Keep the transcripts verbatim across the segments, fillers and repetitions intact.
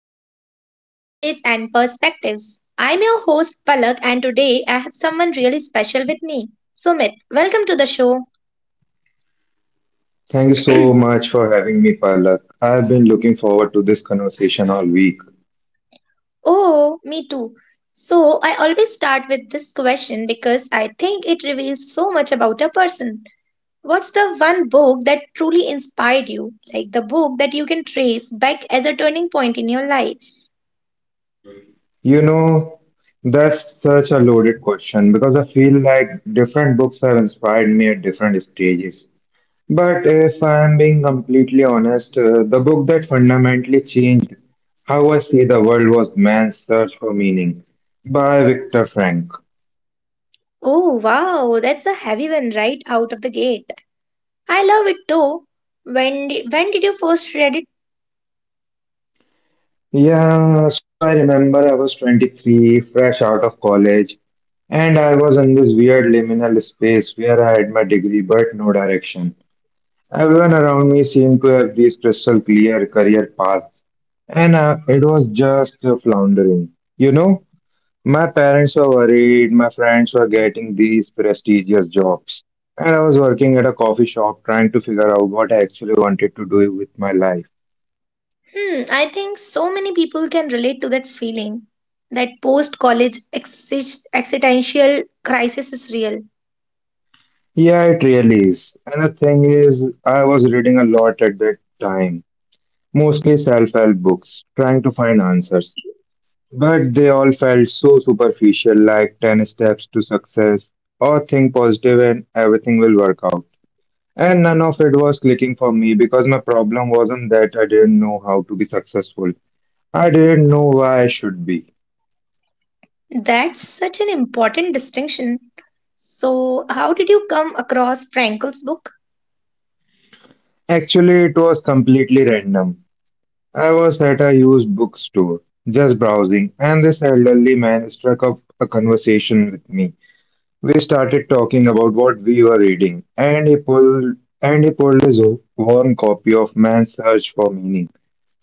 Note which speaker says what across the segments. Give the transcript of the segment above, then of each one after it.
Speaker 1: episode of Pages and Perspectives. I'm your host, Palak, and today I have someone really special with me, Sumit. Welcome to the show.
Speaker 2: Thank you so much for having me, Palak. I've been looking forward to this conversation all week.
Speaker 1: Oh, me too. So, I always start with this question because I think it reveals so much about a person. What's the one book that truly inspired you? Like the book that you can trace back as a turning point in your life?
Speaker 2: You know, that's such a loaded question because I feel like different books have inspired me at different stages. But if I'm being completely honest, uh, the book that fundamentally changed how I see the world was Man's Search for Meaning by Viktor Frank.
Speaker 1: Oh, wow, that's a heavy one right out of the gate. I love it though. When did, when did you first read it?
Speaker 2: Yeah, so I remember I was twenty-three, fresh out of college, and I was in this weird liminal space where I had my degree but no direction. Everyone around me seemed to have these crystal clear career paths, and uh, it was just uh, floundering. You know, my parents were worried, my friends were getting these prestigious jobs, and I was working at a coffee shop trying to figure out what I actually wanted to do with my life.
Speaker 1: Hmm, I think so many people can relate to that feeling. That post-college exist, existential crisis is real.
Speaker 2: Yeah, it really is. And the thing is, I was reading a lot at that time, mostly self-help books, trying to find answers. But they all felt so superficial, like ten steps to success, or think positive and everything will work out. And none of it was clicking for me because my problem wasn't that I didn't know how to be successful. I didn't know why I should be.
Speaker 1: That's such an important distinction. So, how did you come across Frankel's book?
Speaker 2: Actually, it was completely random. I was at a used bookstore, just browsing, and this elderly man struck up a conversation with me. We started talking about what we were reading, and he pulled and he pulled his worn copy of Man's Search for Meaning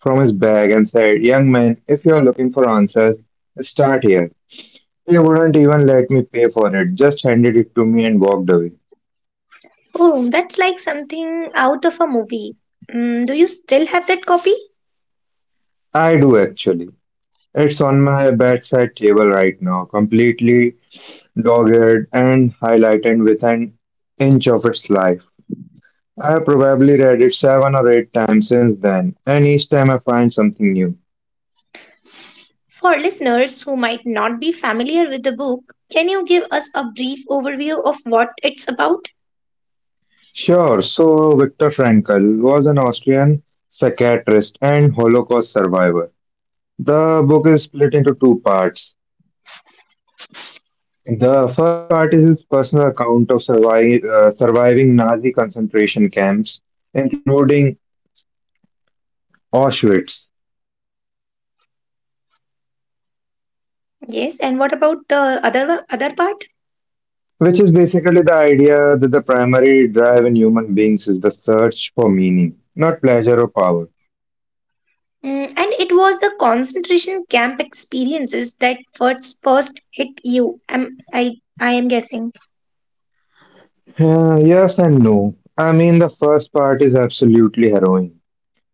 Speaker 2: from his bag and said, "Young man, if you are looking for answers, start here." He wouldn't even let me pay for it; just handed it to me and walked away.
Speaker 1: Oh, that's like something out of a movie. Mm, do you still have that copy?
Speaker 2: I do actually. It's on my bedside table right now, completely dogged and highlighted with an inch of its life. I have probably read it seven or eight times since then, and each time I find something new.
Speaker 1: For listeners who might not be familiar with the book, can you give us a brief overview of what it's about?
Speaker 2: Sure, so Viktor Frankl was an Austrian psychiatrist and Holocaust survivor. The book is split into two parts. The first part is his personal account of surviving, uh, surviving Nazi concentration camps, including Auschwitz. And the second part outlines his psychotherapeutic me-
Speaker 1: Yes, and what
Speaker 2: method
Speaker 1: about
Speaker 2: called
Speaker 1: the other one- other
Speaker 2: logotherapy,
Speaker 1: part?
Speaker 2: which is basically the idea that the primary drive in human beings is the search for meaning, not pleasure or power.
Speaker 1: Mm, and it was the concentration camp experiences that first first hit you. Am I I am guessing.
Speaker 2: Uh, yes and no. I mean, the first part is absolutely harrowing.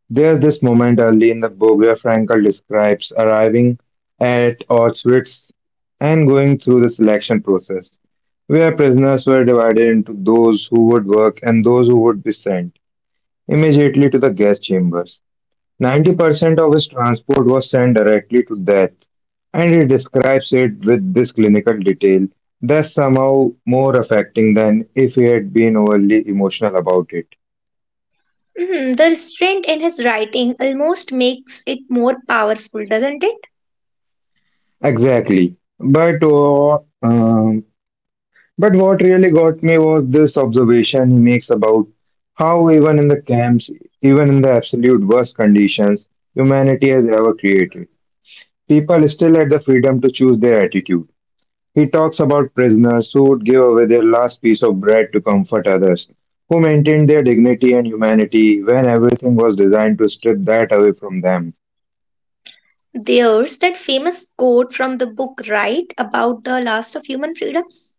Speaker 2: There's this moment early in the book where Frankel describes arriving at Auschwitz and going through the selection process, where prisoners were divided into those who would work and those who would be sent immediately to the gas chambers. ninety percent of his transport was sent directly to death, and he describes it with this clinical detail that's somehow more affecting than if he had been overly emotional about it.
Speaker 1: Mhm, the restraint in his writing almost makes it more powerful, doesn't it?
Speaker 2: Exactly. But uh, um, But what really got me was this observation he makes about how, even in the camps, even in the absolute worst conditions humanity has ever created, people still had the freedom to choose their attitude. He talks about prisoners who would give away their last piece of bread to comfort others, who maintained their dignity and humanity when everything was designed to strip that away from them.
Speaker 1: There's that famous quote from the book, right, about the last of human freedoms.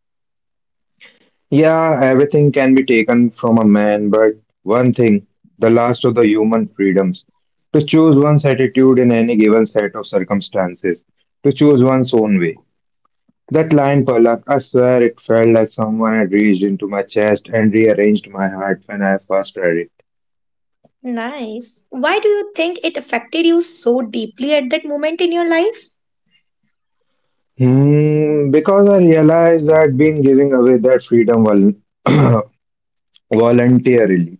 Speaker 2: Yeah, everything can be taken from a man, but one thing, the last of the human freedoms, to choose one's attitude in any given set of circumstances, to choose one's own way. That line, Palak, I swear it felt like someone had reached into my chest and rearranged my heart when I first read it.
Speaker 1: Nice. Why do you think it affected you so deeply at that moment in your life?
Speaker 2: Hmm, because I realized that been giving away that freedom vol- voluntarily.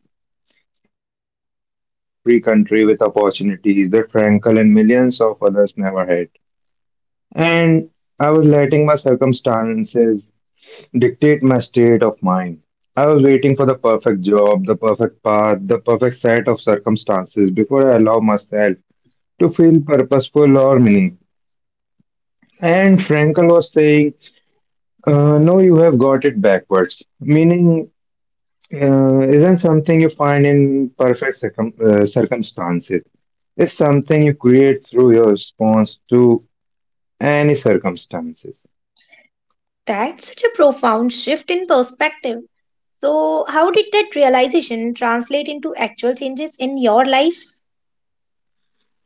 Speaker 2: Here I was living in a free country with opportunities that Frankel and millions of others never had. And I was letting my circumstances dictate my state of mind. I was waiting for the perfect job, the perfect path, the perfect set of circumstances before I allow myself to feel purposeful or meaning. And Frankel was saying, uh, no, you have got it backwards. Meaning, Uh, isn't something you find in perfect circum uh, circumstances. It's something you create through your response to any circumstances.
Speaker 1: That's such a profound shift in perspective. So, how did that realization translate into actual changes in your life?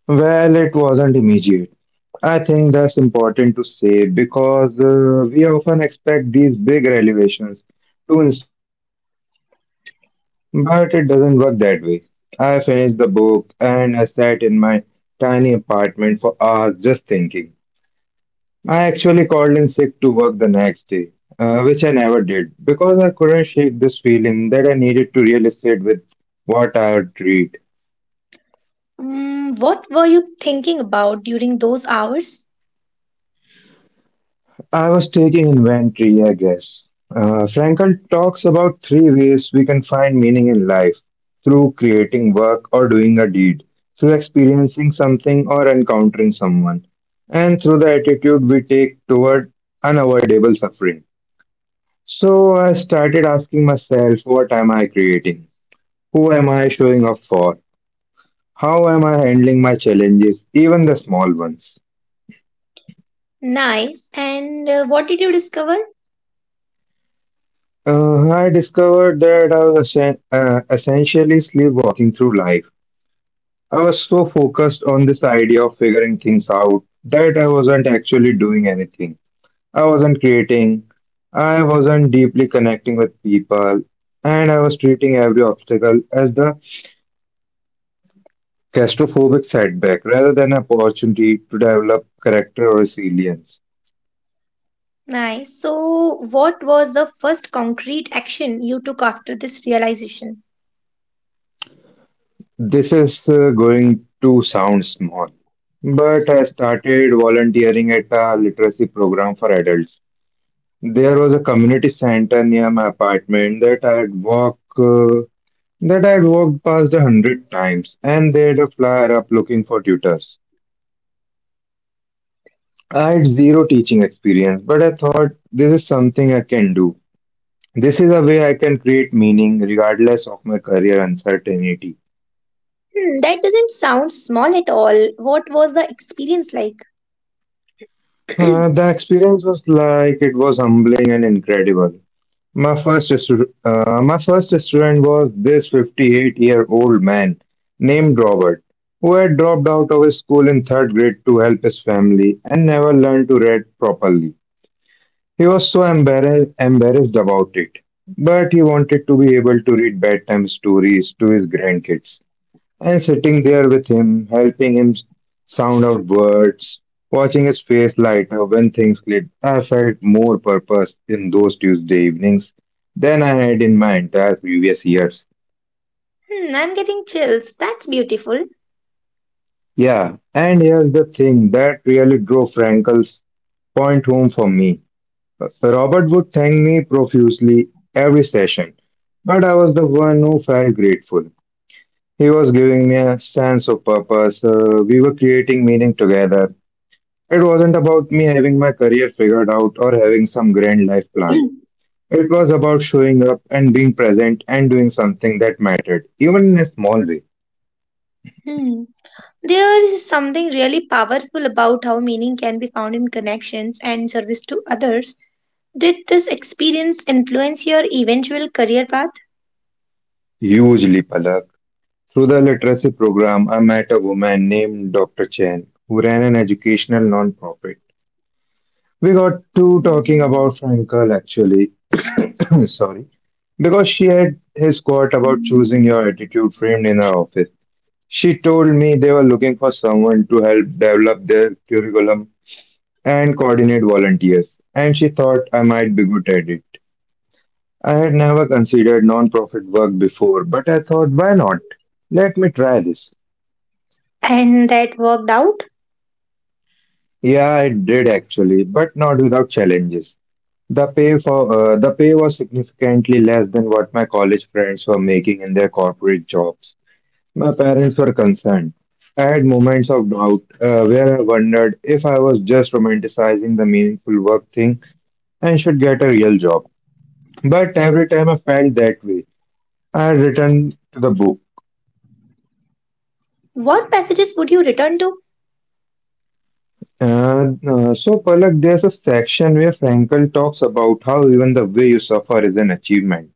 Speaker 2: Well, it wasn't immediate. I think that's important to say because uh, we often expect these big revelations to instant transform us, right? But it doesn't work that way. I finished the book and I sat in my tiny apartment for hours just thinking. I actually called in sick to work the next day, uh, which I never did because I couldn't shake this feeling that I needed to real with what I would read.
Speaker 1: Mm, what were you thinking about during those hours?
Speaker 2: I was taking inventory, I guess. Uh, Frankl talks about three ways we can find meaning in life: through creating work or doing a deed, through experiencing something or encountering someone, and through the attitude we take toward unavoidable suffering. So I started asking myself, what am I creating? Who am I showing up for? How am I handling my challenges, even the small ones?
Speaker 1: Nice. And uh, what did you discover?
Speaker 2: Uh, I discovered that I was essen- uh, essentially sleepwalking through life. I was so focused on this idea of figuring things out that I wasn't actually doing anything. I wasn't creating, I wasn't deeply connecting with people, and I was treating every obstacle as the claustrophobic setback rather than an opportunity to develop character or resilience.
Speaker 1: Nice. So, what was the first concrete action you took after this realization?
Speaker 2: This is uh, going to sound small, but I started volunteering at a literacy program for adults. There was a community center near my apartment that I'd walk uh, that I'd walked past a hundred times, and they had a flyer up looking for tutors. I had zero teaching experience, but I thought this is something I can do. This is a way I can create meaning regardless of my career uncertainty.
Speaker 1: Hmm, that doesn't sound small at all. What was the experience like?
Speaker 2: Uh, the experience was like it was humbling and incredible. My first restaur- uh, my first restaurant was this fifty-eight-year-old man named Robert, who had dropped out of his school in third grade to help his family and never learned to read properly. He was so embarrassed embarrassed about it, but he wanted to be able to read bedtime stories to his grandkids and sitting there with him, helping him sound out words, watching his face light up when things clicked. I felt more purpose in those Tuesday evenings than I had in my entire previous years.
Speaker 1: Hmm, I'm getting chills. That's beautiful.
Speaker 2: Yeah, and here's the thing that really drove Frankel's point home for me. Robert would thank me profusely every session, but I was the one who felt grateful. He was giving me a sense of purpose. Uh, we were creating meaning together. It wasn't about me having my career figured out or having some grand life plan. It was about showing up and being present and doing something that mattered, even in a small way.
Speaker 1: Hmm. There is something really powerful about how meaning can be found in connections and service to others. Did this experience influence your eventual career path
Speaker 2: Hugely, Palak. Through the literacy program, I met a woman named doctor Chen who ran an educational nonprofit. We got to talking about Frankel actually. Sorry. Because she had his quote about choosing your attitude framed in her office. She told me they were looking for someone to help develop their curriculum and coordinate volunteers, and she thought I might be good at it. I had never considered non-profit work before, but I thought, why not? Let me try this.
Speaker 1: and that worked out?
Speaker 2: Yeah, I did actually, but not without challenges. The pay for uh, the pay was significantly less than what my college friends were making in their corporate jobs. My parents were concerned. I had moments of doubt uh, where I wondered if I was just romanticizing the meaningful work thing and should get a real job. But every time I felt that way, I returned to the book.
Speaker 1: What passages would you return to?
Speaker 2: And uh, so, Palak, there's a section where Frankl talks about how even the way you suffer is an achievement.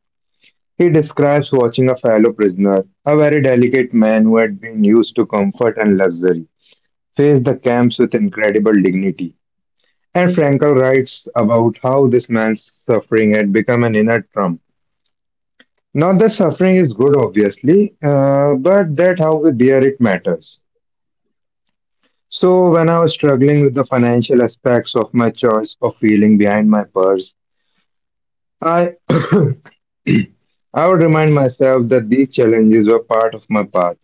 Speaker 2: He describes watching a fellow prisoner, a very delicate man who had been used to comfort and luxury, face the camps with incredible dignity. And Frankl writes about how this man's suffering had become an inner trump. Not that suffering is good, obviously, uh, but that how we bear it matters. So, when I was struggling with the financial aspects of my choice of feeling behind my purse, I, I would remind myself that these challenges were part of my path,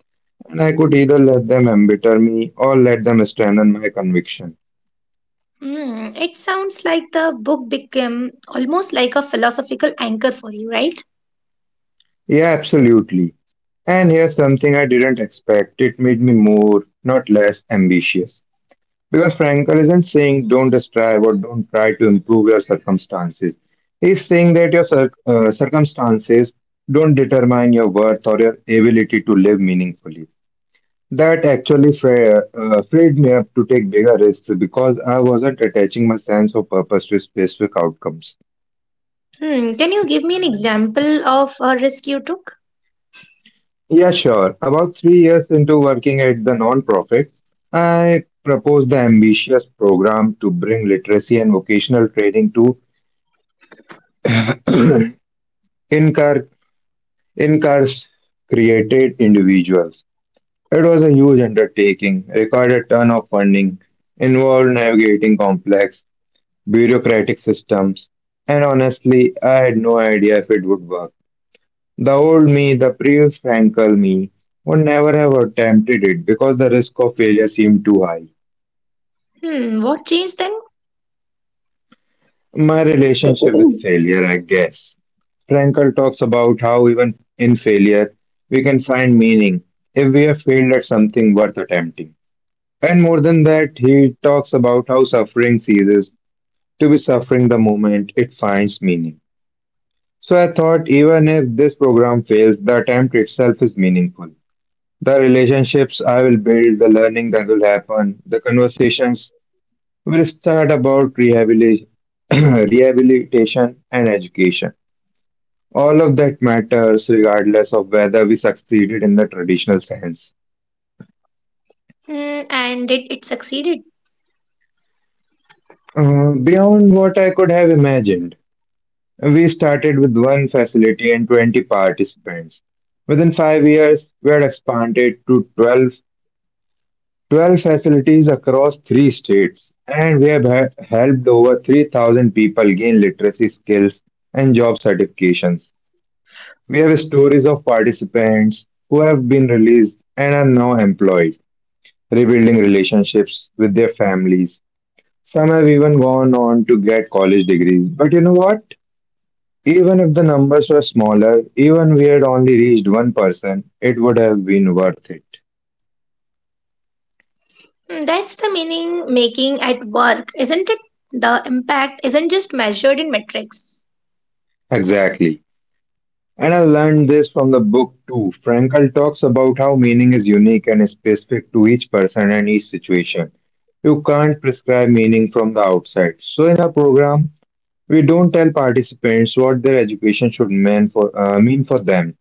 Speaker 2: and I could either let them embitter me or let them strengthen my conviction.
Speaker 1: Hmm, it sounds like the book became almost like a philosophical anchor for you, right?
Speaker 2: Yeah, absolutely. And here's something I didn't expect it made me more, not less, ambitious. Because Frankel isn't saying don't strive or don't try to improve your circumstances. He's saying that your cir- uh, circumstances don't determine your worth or your ability to live meaningfully. That actually fra- uh, freed me up to take bigger risks because I wasn't attaching my sense of purpose to specific outcomes.
Speaker 1: Hmm, can you give me an example of a risk you took?
Speaker 2: Yeah, sure. About three years into working at the nonprofit, I proposed the ambitious program to bring literacy and vocational training to incar- incarcerated individuals. It was a huge undertaking, required a ton of funding, involved navigating complex bureaucratic systems, and honestly, I had no idea if it would work. The old me, the previous Frankel me, would never have attempted it because the risk of failure seemed too high.
Speaker 1: Hmm, what changed then?
Speaker 2: My relationship with failure, I guess. Frankel talks about how even in failure, we can find meaning if we have failed at something worth attempting. And more than that, he talks about how suffering ceases to be suffering the moment it finds meaning. So I thought even if this program fails, the attempt itself is meaningful. The relationships I will build, the learning that will happen, the conversations will start about rehabilitation, rehabilitation and education. All of that matters regardless of whether we succeeded in the traditional sense.
Speaker 1: Hmm, and did it succeeded?
Speaker 2: Uh, beyond what I could have imagined. We started with one facility and twenty participants. Within five years, we had expanded to twelve, twelve facilities across three states, and we have ha- helped over three thousand people gain literacy skills and job certifications. We have stories of participants who have been released and are now employed, rebuilding relationships with their families. Some have even gone on to get college degrees. But you know what? Even if the numbers were smaller, even we had only reached one person, it would have been worth it.
Speaker 1: Mm, that's the meaning making at work, isn't it? The impact isn't just measured in metrics.
Speaker 2: Exactly. And I learned this from the book too. Frankl talks about how meaning is unique and specific to each person and each situation. You can't prescribe meaning from the outside. So in our program, we don't tell participants what their education should mean for, uh, mean for them.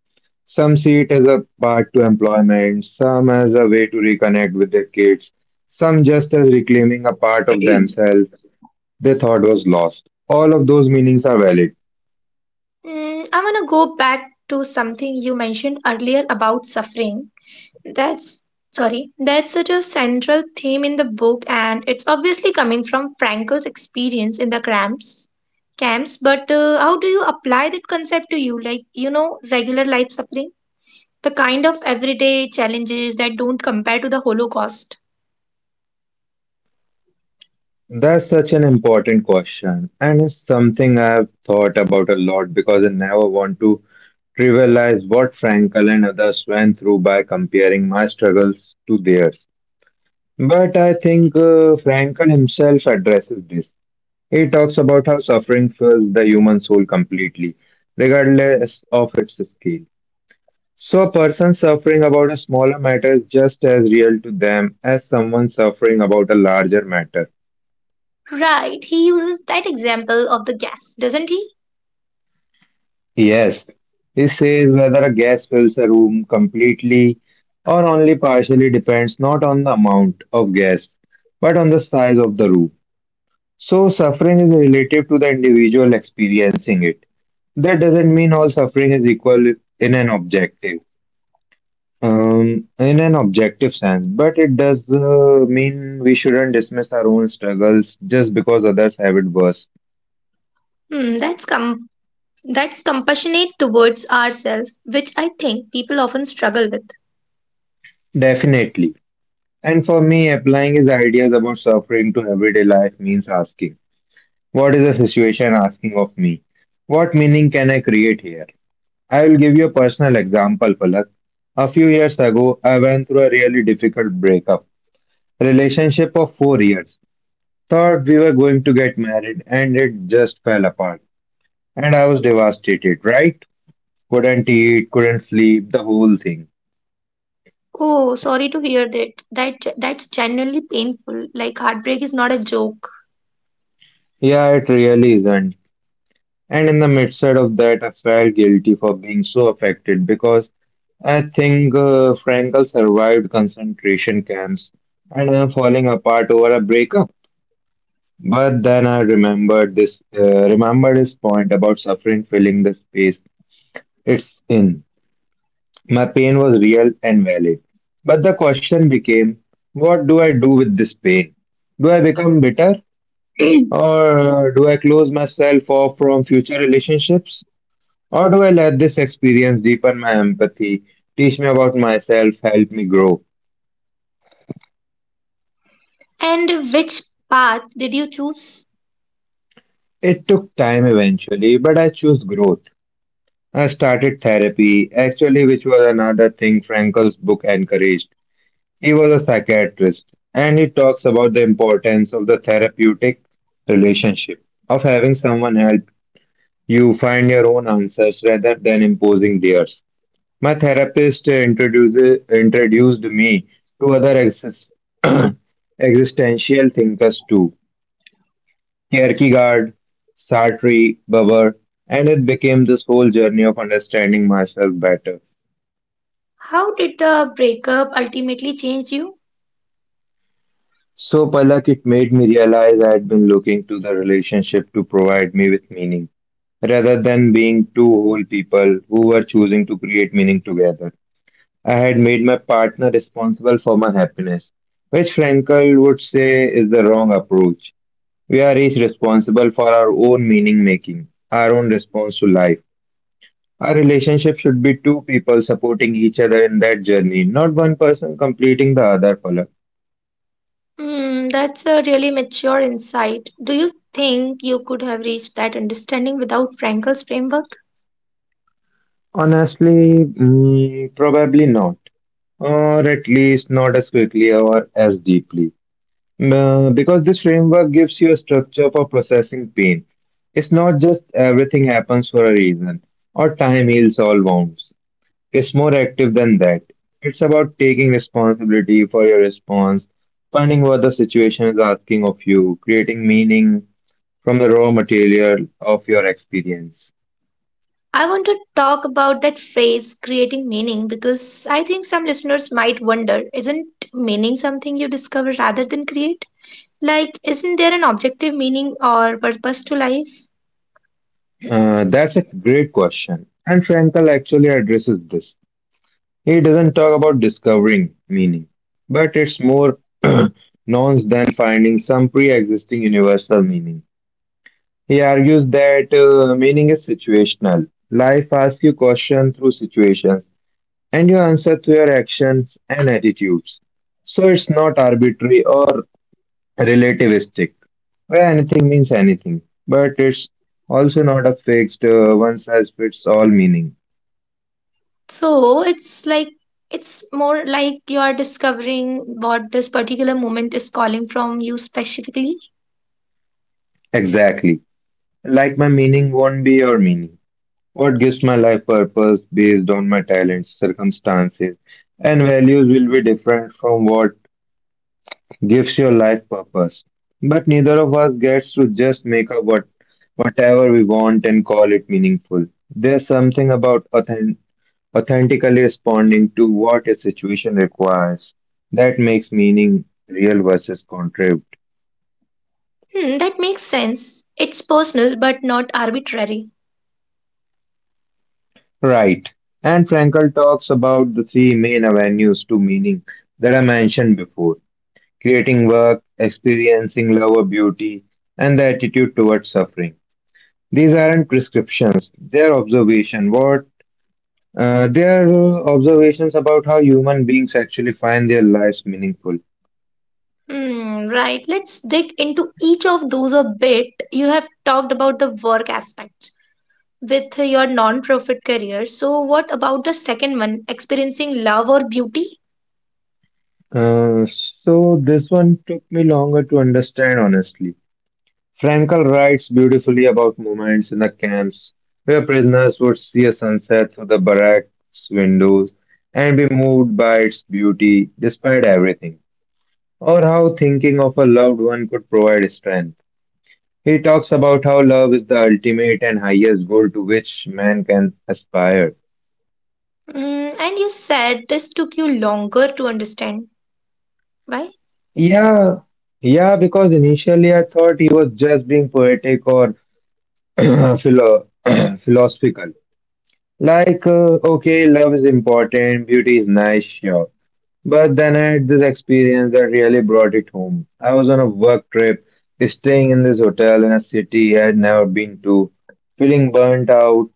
Speaker 2: Some see it as a path to employment, some as a way to reconnect with their kids, some just as reclaiming a part of themselves they thought was lost. All of those meanings are valid.
Speaker 1: Mm, I want to go back to something you mentioned earlier about suffering. That's sorry, that's such a central theme in the book, and it's obviously coming from Frankel's experience in the cramps camps. But uh, how do you apply that concept to you, like you know, regular life suffering, the kind of everyday challenges that don't compare to the Holocaust?
Speaker 2: That's such an important question, and it's something I've thought about a lot because I never want to trivialize what Frankel and others went through by comparing my struggles to theirs. But I think uh, Frankel himself addresses this. He talks about how suffering fills the human soul completely, regardless of its scale. So a person suffering about a smaller matter is just as real to them as someone suffering about a larger matter.
Speaker 1: Right, he uses that example of the gas, doesn't he?
Speaker 2: Yes, he says whether a gas fills a room completely or only partially depends not on the amount of gas but on the size of the room. So suffering is relative to the individual experiencing it. That doesn't mean all suffering is equal in an objective. Um, in an objective sense, but it does uh, mean we shouldn't dismiss our own struggles just because others have it worse.
Speaker 1: Hmm, that's com- that's compassionate towards ourselves, which I think people often struggle with.
Speaker 2: Definitely. And for me, applying his ideas about suffering to everyday life means asking, what is the situation asking of me? What meaning can I create here? I will give you a personal example, Palak. A few years ago, I went through a really difficult breakup. Relationship of four years. Thought we were going to get married, and it just fell apart. And I was devastated, right? Couldn't eat, couldn't sleep, the whole thing.
Speaker 1: Oh, sorry to hear that. That ge- that's genuinely painful. Like heartbreak is not a joke.
Speaker 2: Yeah, it really isn't. And in the midst of that, I felt guilty for being so affected because I think uh, Frankel survived concentration camps and then falling apart over a breakup. But then I remembered this, uh, remembered his point about suffering filling the space it's in. My pain was real and valid. But the question became, what do I do with this pain? Do I become bitter? Or do I close myself off from future relationships? Or do I let this experience deepen my empathy, teach me about myself, help me grow?
Speaker 1: And which path did you choose?
Speaker 2: It took time eventually, but I chose growth. I started therapy, actually, which was another thing Frankel's book encouraged. He was a psychiatrist, and he talks about the importance of the therapeutic relationship, of having someone help you find your own answers rather than imposing theirs. My therapist introduces, introduced me to other exis- existential thinkers too: Kierkegaard, Sartre, Babar, and it became this whole journey of understanding myself better.
Speaker 1: How did the breakup ultimately change you?
Speaker 2: So, Palak, it made me realize I had been looking to the relationship to provide me with meaning rather than being two whole people who were choosing to create meaning together. I had made my partner responsible for my happiness, which Frankl would say is the wrong approach. We are each responsible for our own meaning making, our own response to life. Our relationship should be two people supporting each other in that journey, not one person completing the other pull-up.
Speaker 1: Hmm, that's a really mature insight. Do you think you could have reached that understanding without Frankel's framework?
Speaker 2: Honestly, mm, probably not, or at least not as quickly or as deeply. Uh, because this framework gives you a structure for processing pain. It's not just everything happens for a reason or time heals all wounds. It's more active than that. It's about taking responsibility for your response, finding what the situation is asking of you, creating meaning from the raw material of your experience.
Speaker 1: I want to talk about that phrase creating meaning because I think some listeners might wonder, isn't meaning something you discover rather than create? Like, isn't there an objective meaning or purpose to life?
Speaker 2: Uh, that's a great question, and Frankel actually addresses this. He doesn't talk about discovering meaning, but it's more nonce than finding some pre existing universal meaning. He argues that uh, meaning is situational. Life asks you questions through situations, and you answer through your actions and attitudes. So it's not arbitrary or relativistic, where anything means anything, but it's also not a fixed uh, one size fits all meaning.
Speaker 1: So it's like it's more like you are discovering what this particular moment is calling from you specifically.
Speaker 2: Exactly. Like my meaning won't be your meaning. What gives my life purpose based on my talents, circumstances, and values will be different from what gives your life purpose. But neither of us gets to just make up what whatever we want and call it meaningful. There's something about authen- authentically responding to what a situation requires that makes meaning real versus contrived.
Speaker 1: Hmm, that makes sense. It's personal but not arbitrary.
Speaker 2: Right. And Frankl talks about the three main avenues to meaning that I mentioned before: creating work, experiencing love or beauty, and the attitude towards suffering. These aren't prescriptions; they are observation. What uh, they are uh, Observations about how human beings actually find their lives meaningful.
Speaker 1: Hmm, right. Let's dig into each of those a bit. You have talked about the work aspect with your non-profit career. So, what about the second one, experiencing love or beauty?
Speaker 2: Uh, so this one took me longer to understand, honestly. Frankel writes beautifully about moments in the camps where prisoners would see a sunset through the barracks windows and be moved by its beauty despite everything. Or how thinking of a loved one could provide strength. He talks about how love is the ultimate and highest goal to which man can aspire.
Speaker 1: Mm, and you said this took you longer to understand. Why?
Speaker 2: Yeah, yeah, because initially I thought he was just being poetic or philo- philosophical. Like, uh, okay, love is important, beauty is nice, sure. But then I had this experience that really brought it home. I was on a work trip, staying in this hotel in a city I had never been to, feeling burnt out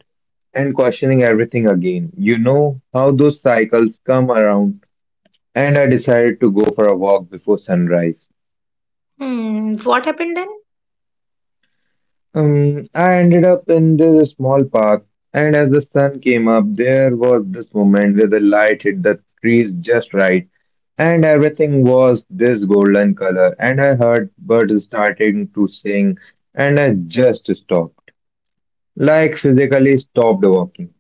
Speaker 2: and questioning everything again. You know how those cycles come around, and I decided to go for a walk before sunrise.
Speaker 1: Hmm, what happened then?
Speaker 2: Um, I ended up in this small park, and as the sun came up, there was this moment where the light hit the trees just right. And everything was this golden color, and I heard birds starting to sing, and I just stopped, like physically stopped walking.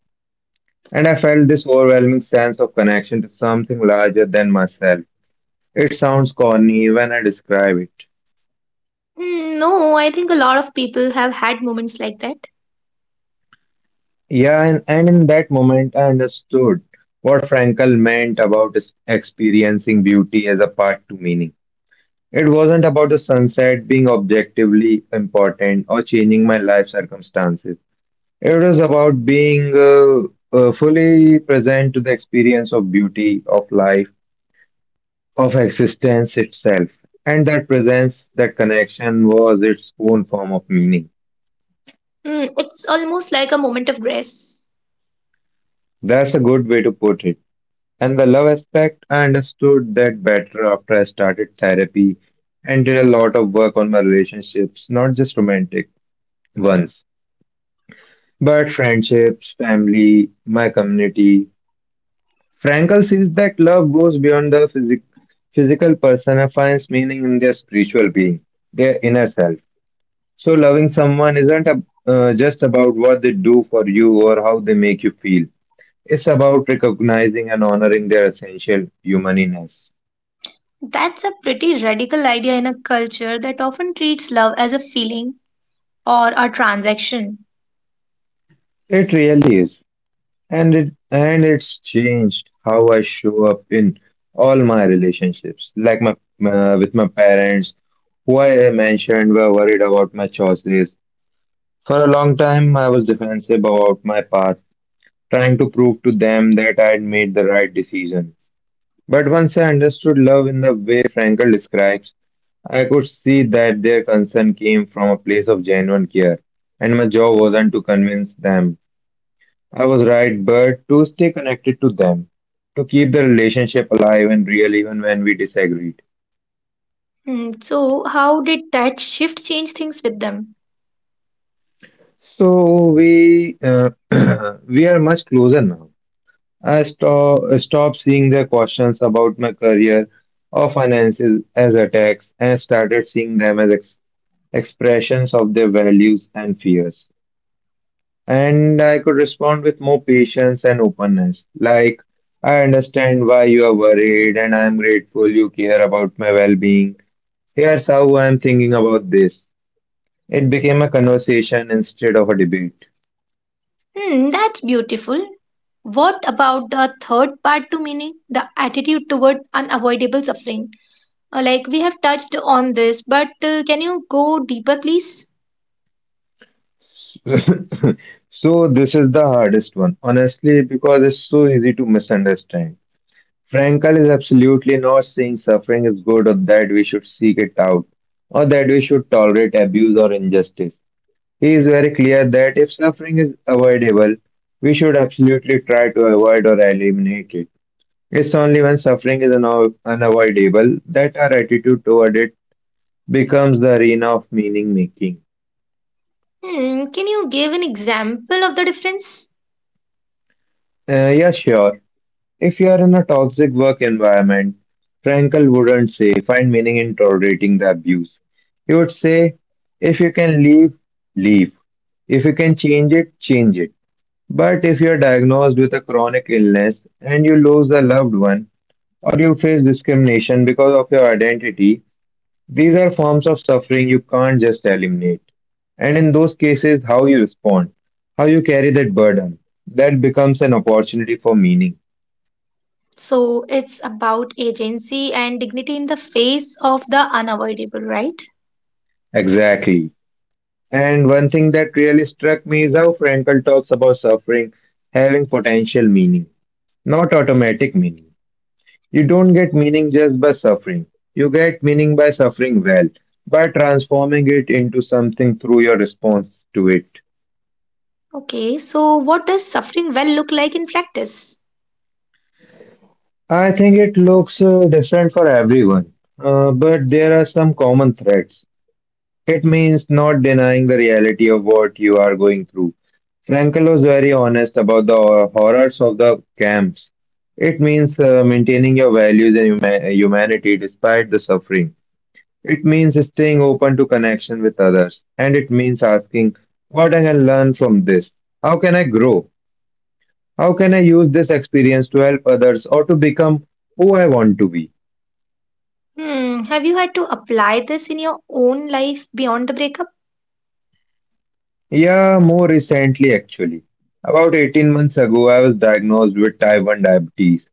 Speaker 2: And I felt this overwhelming sense of connection to something larger than myself. It sounds corny when I describe it.
Speaker 1: Hmm, no, I think a lot of people have had moments like that.
Speaker 2: Yeah, and, and in that moment, I understood what Frankel meant about is- experiencing beauty as a part to meaning. It wasn't about the sunset being objectively important or changing my life circumstances. It was about being uh, uh, fully present to the experience of beauty, of life, of existence itself. And that presence, that connection was its own form of meaning.
Speaker 1: Hmm, it's almost like a moment of grace.
Speaker 2: That's a good way to put it. And the love aspect, I understood that better after I started therapy and did a lot of work on my relationships, not just romantic ones, but friendships, family, my community. Frankl sees that love goes beyond the physic- physical person and finds meaning in their spiritual being, their inner self. So loving someone isn't ab- uh, just about what they do for you or how they make you feel, it's about recognizing and honoring their essential humaniness.
Speaker 1: That's a pretty radical idea in a culture that often treats love as a feeling or a transaction.
Speaker 2: It really is. And, it, and it's changed how I show up in all my relationships, like my uh, with my parents, who I mentioned were worried about my choices. For a long time, I was defensive about my path, trying to prove to them that I had made the right decision. But once I understood love in the way Frankel describes, I could see that their concern came from a place of genuine care, and my job wasn't to convince them I was right, but to stay connected to them, to keep the relationship alive and real even when we disagreed.
Speaker 1: Hmm, so, how did that shift change things with them?
Speaker 2: So we uh, we are much closer now. I stop, stopped seeing their questions about my career or finances as attacks and started seeing them as ex- expressions of their values and fears. And I could respond with more patience and openness. Like, I understand why you are worried, and I am grateful you care about my well being. Here's how I am thinking about this. It became a conversation instead of a debate.
Speaker 1: Hmm, that's beautiful. What about the third part to meaning? The attitude toward unavoidable suffering. Uh, Like we have touched on this, but uh, can you go deeper, please?
Speaker 2: So this is the hardest one, honestly, because it's so easy to misunderstand. Frankl is absolutely not saying suffering is good or that we should seek it out or that we should tolerate abuse or injustice. He is very clear that if suffering is avoidable, we should absolutely try to avoid or eliminate it. It's only when suffering is unav- unavoidable that our attitude toward it becomes the arena of meaning making.
Speaker 1: Hmm, can you give an example of the difference?
Speaker 2: Uh, yeah, sure. If you are in a toxic work environment, Frankel wouldn't say, find meaning in tolerating the abuse. He would say, if you can leave, leave. If you can change it, change it. But if you are diagnosed with a chronic illness and you lose a loved one, or you face discrimination because of your identity, these are forms of suffering you can't just eliminate. And in those cases, how you respond, how you carry that burden, that becomes an opportunity for meaning.
Speaker 1: So it's about agency and dignity in the face of the unavoidable, right?
Speaker 2: Exactly. And one thing that really struck me is how Frankl talks about suffering having potential meaning, not automatic meaning. You don't get meaning just by suffering. You get meaning by suffering well, by transforming it into something through your response to it.
Speaker 1: Okay, so what does suffering well look like in practice?
Speaker 2: I think it looks uh, different for everyone, uh, but there are some common threads. It means not denying the reality of what you are going through. Frankel was very honest about the horrors of the camps. It means uh, maintaining your values and huma- humanity despite the suffering. It means staying open to connection with others. And it means asking, what I can learn from this? How can I grow? How can I use this experience to help others or to become who I want to be?
Speaker 1: Hmm, have you had to apply this in your own life beyond the breakup?
Speaker 2: Yeah, more recently actually. About eighteen months ago, I was diagnosed with type one diabetes,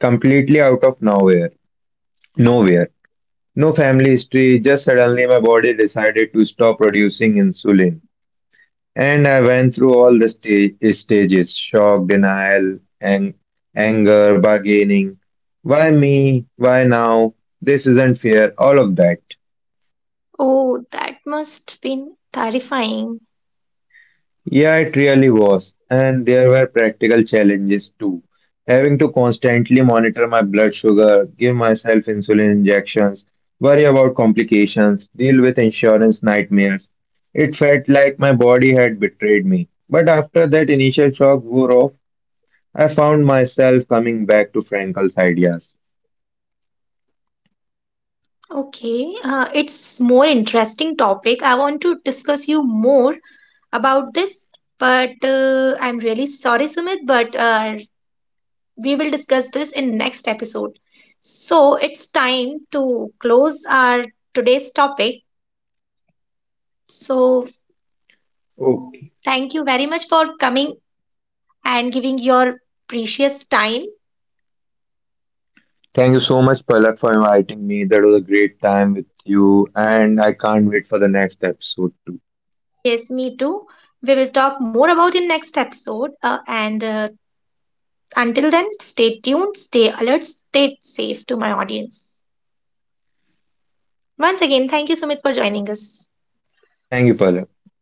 Speaker 2: completely out of nowhere nowhere. No family history, just suddenly my body decided to stop producing insulin. And I went through all the sta- stages: shock, denial, ang- anger, bargaining. Why me? Why now? This isn't fair. All of that.
Speaker 1: Oh, that must been terrifying.
Speaker 2: Yeah, it really was. And there were practical challenges too. Having to constantly monitor my blood sugar, give myself insulin injections, worry about complications, deal with insurance nightmares. It felt like my body had betrayed me. But after that initial shock wore off, I found myself coming back to Frankel's ideas.
Speaker 1: Okay, uh, it's more interesting topic. I want to discuss you more about this, but uh, I'm really sorry, Sumit, but uh, we will discuss this in next episode. So it's time to close our today's topic. So
Speaker 2: Okay.
Speaker 1: thank you very much for coming and giving your precious time.
Speaker 2: Thank you so much, Palak, for inviting me. That was a great time with you, and I can't wait for the next episode too.
Speaker 1: Yes, me too. We will talk more about in next episode. Uh, and uh, Until then, stay tuned, stay alert, stay safe to my audience. Once again, thank you, Sumit, for joining us.
Speaker 2: Thank you, Palak.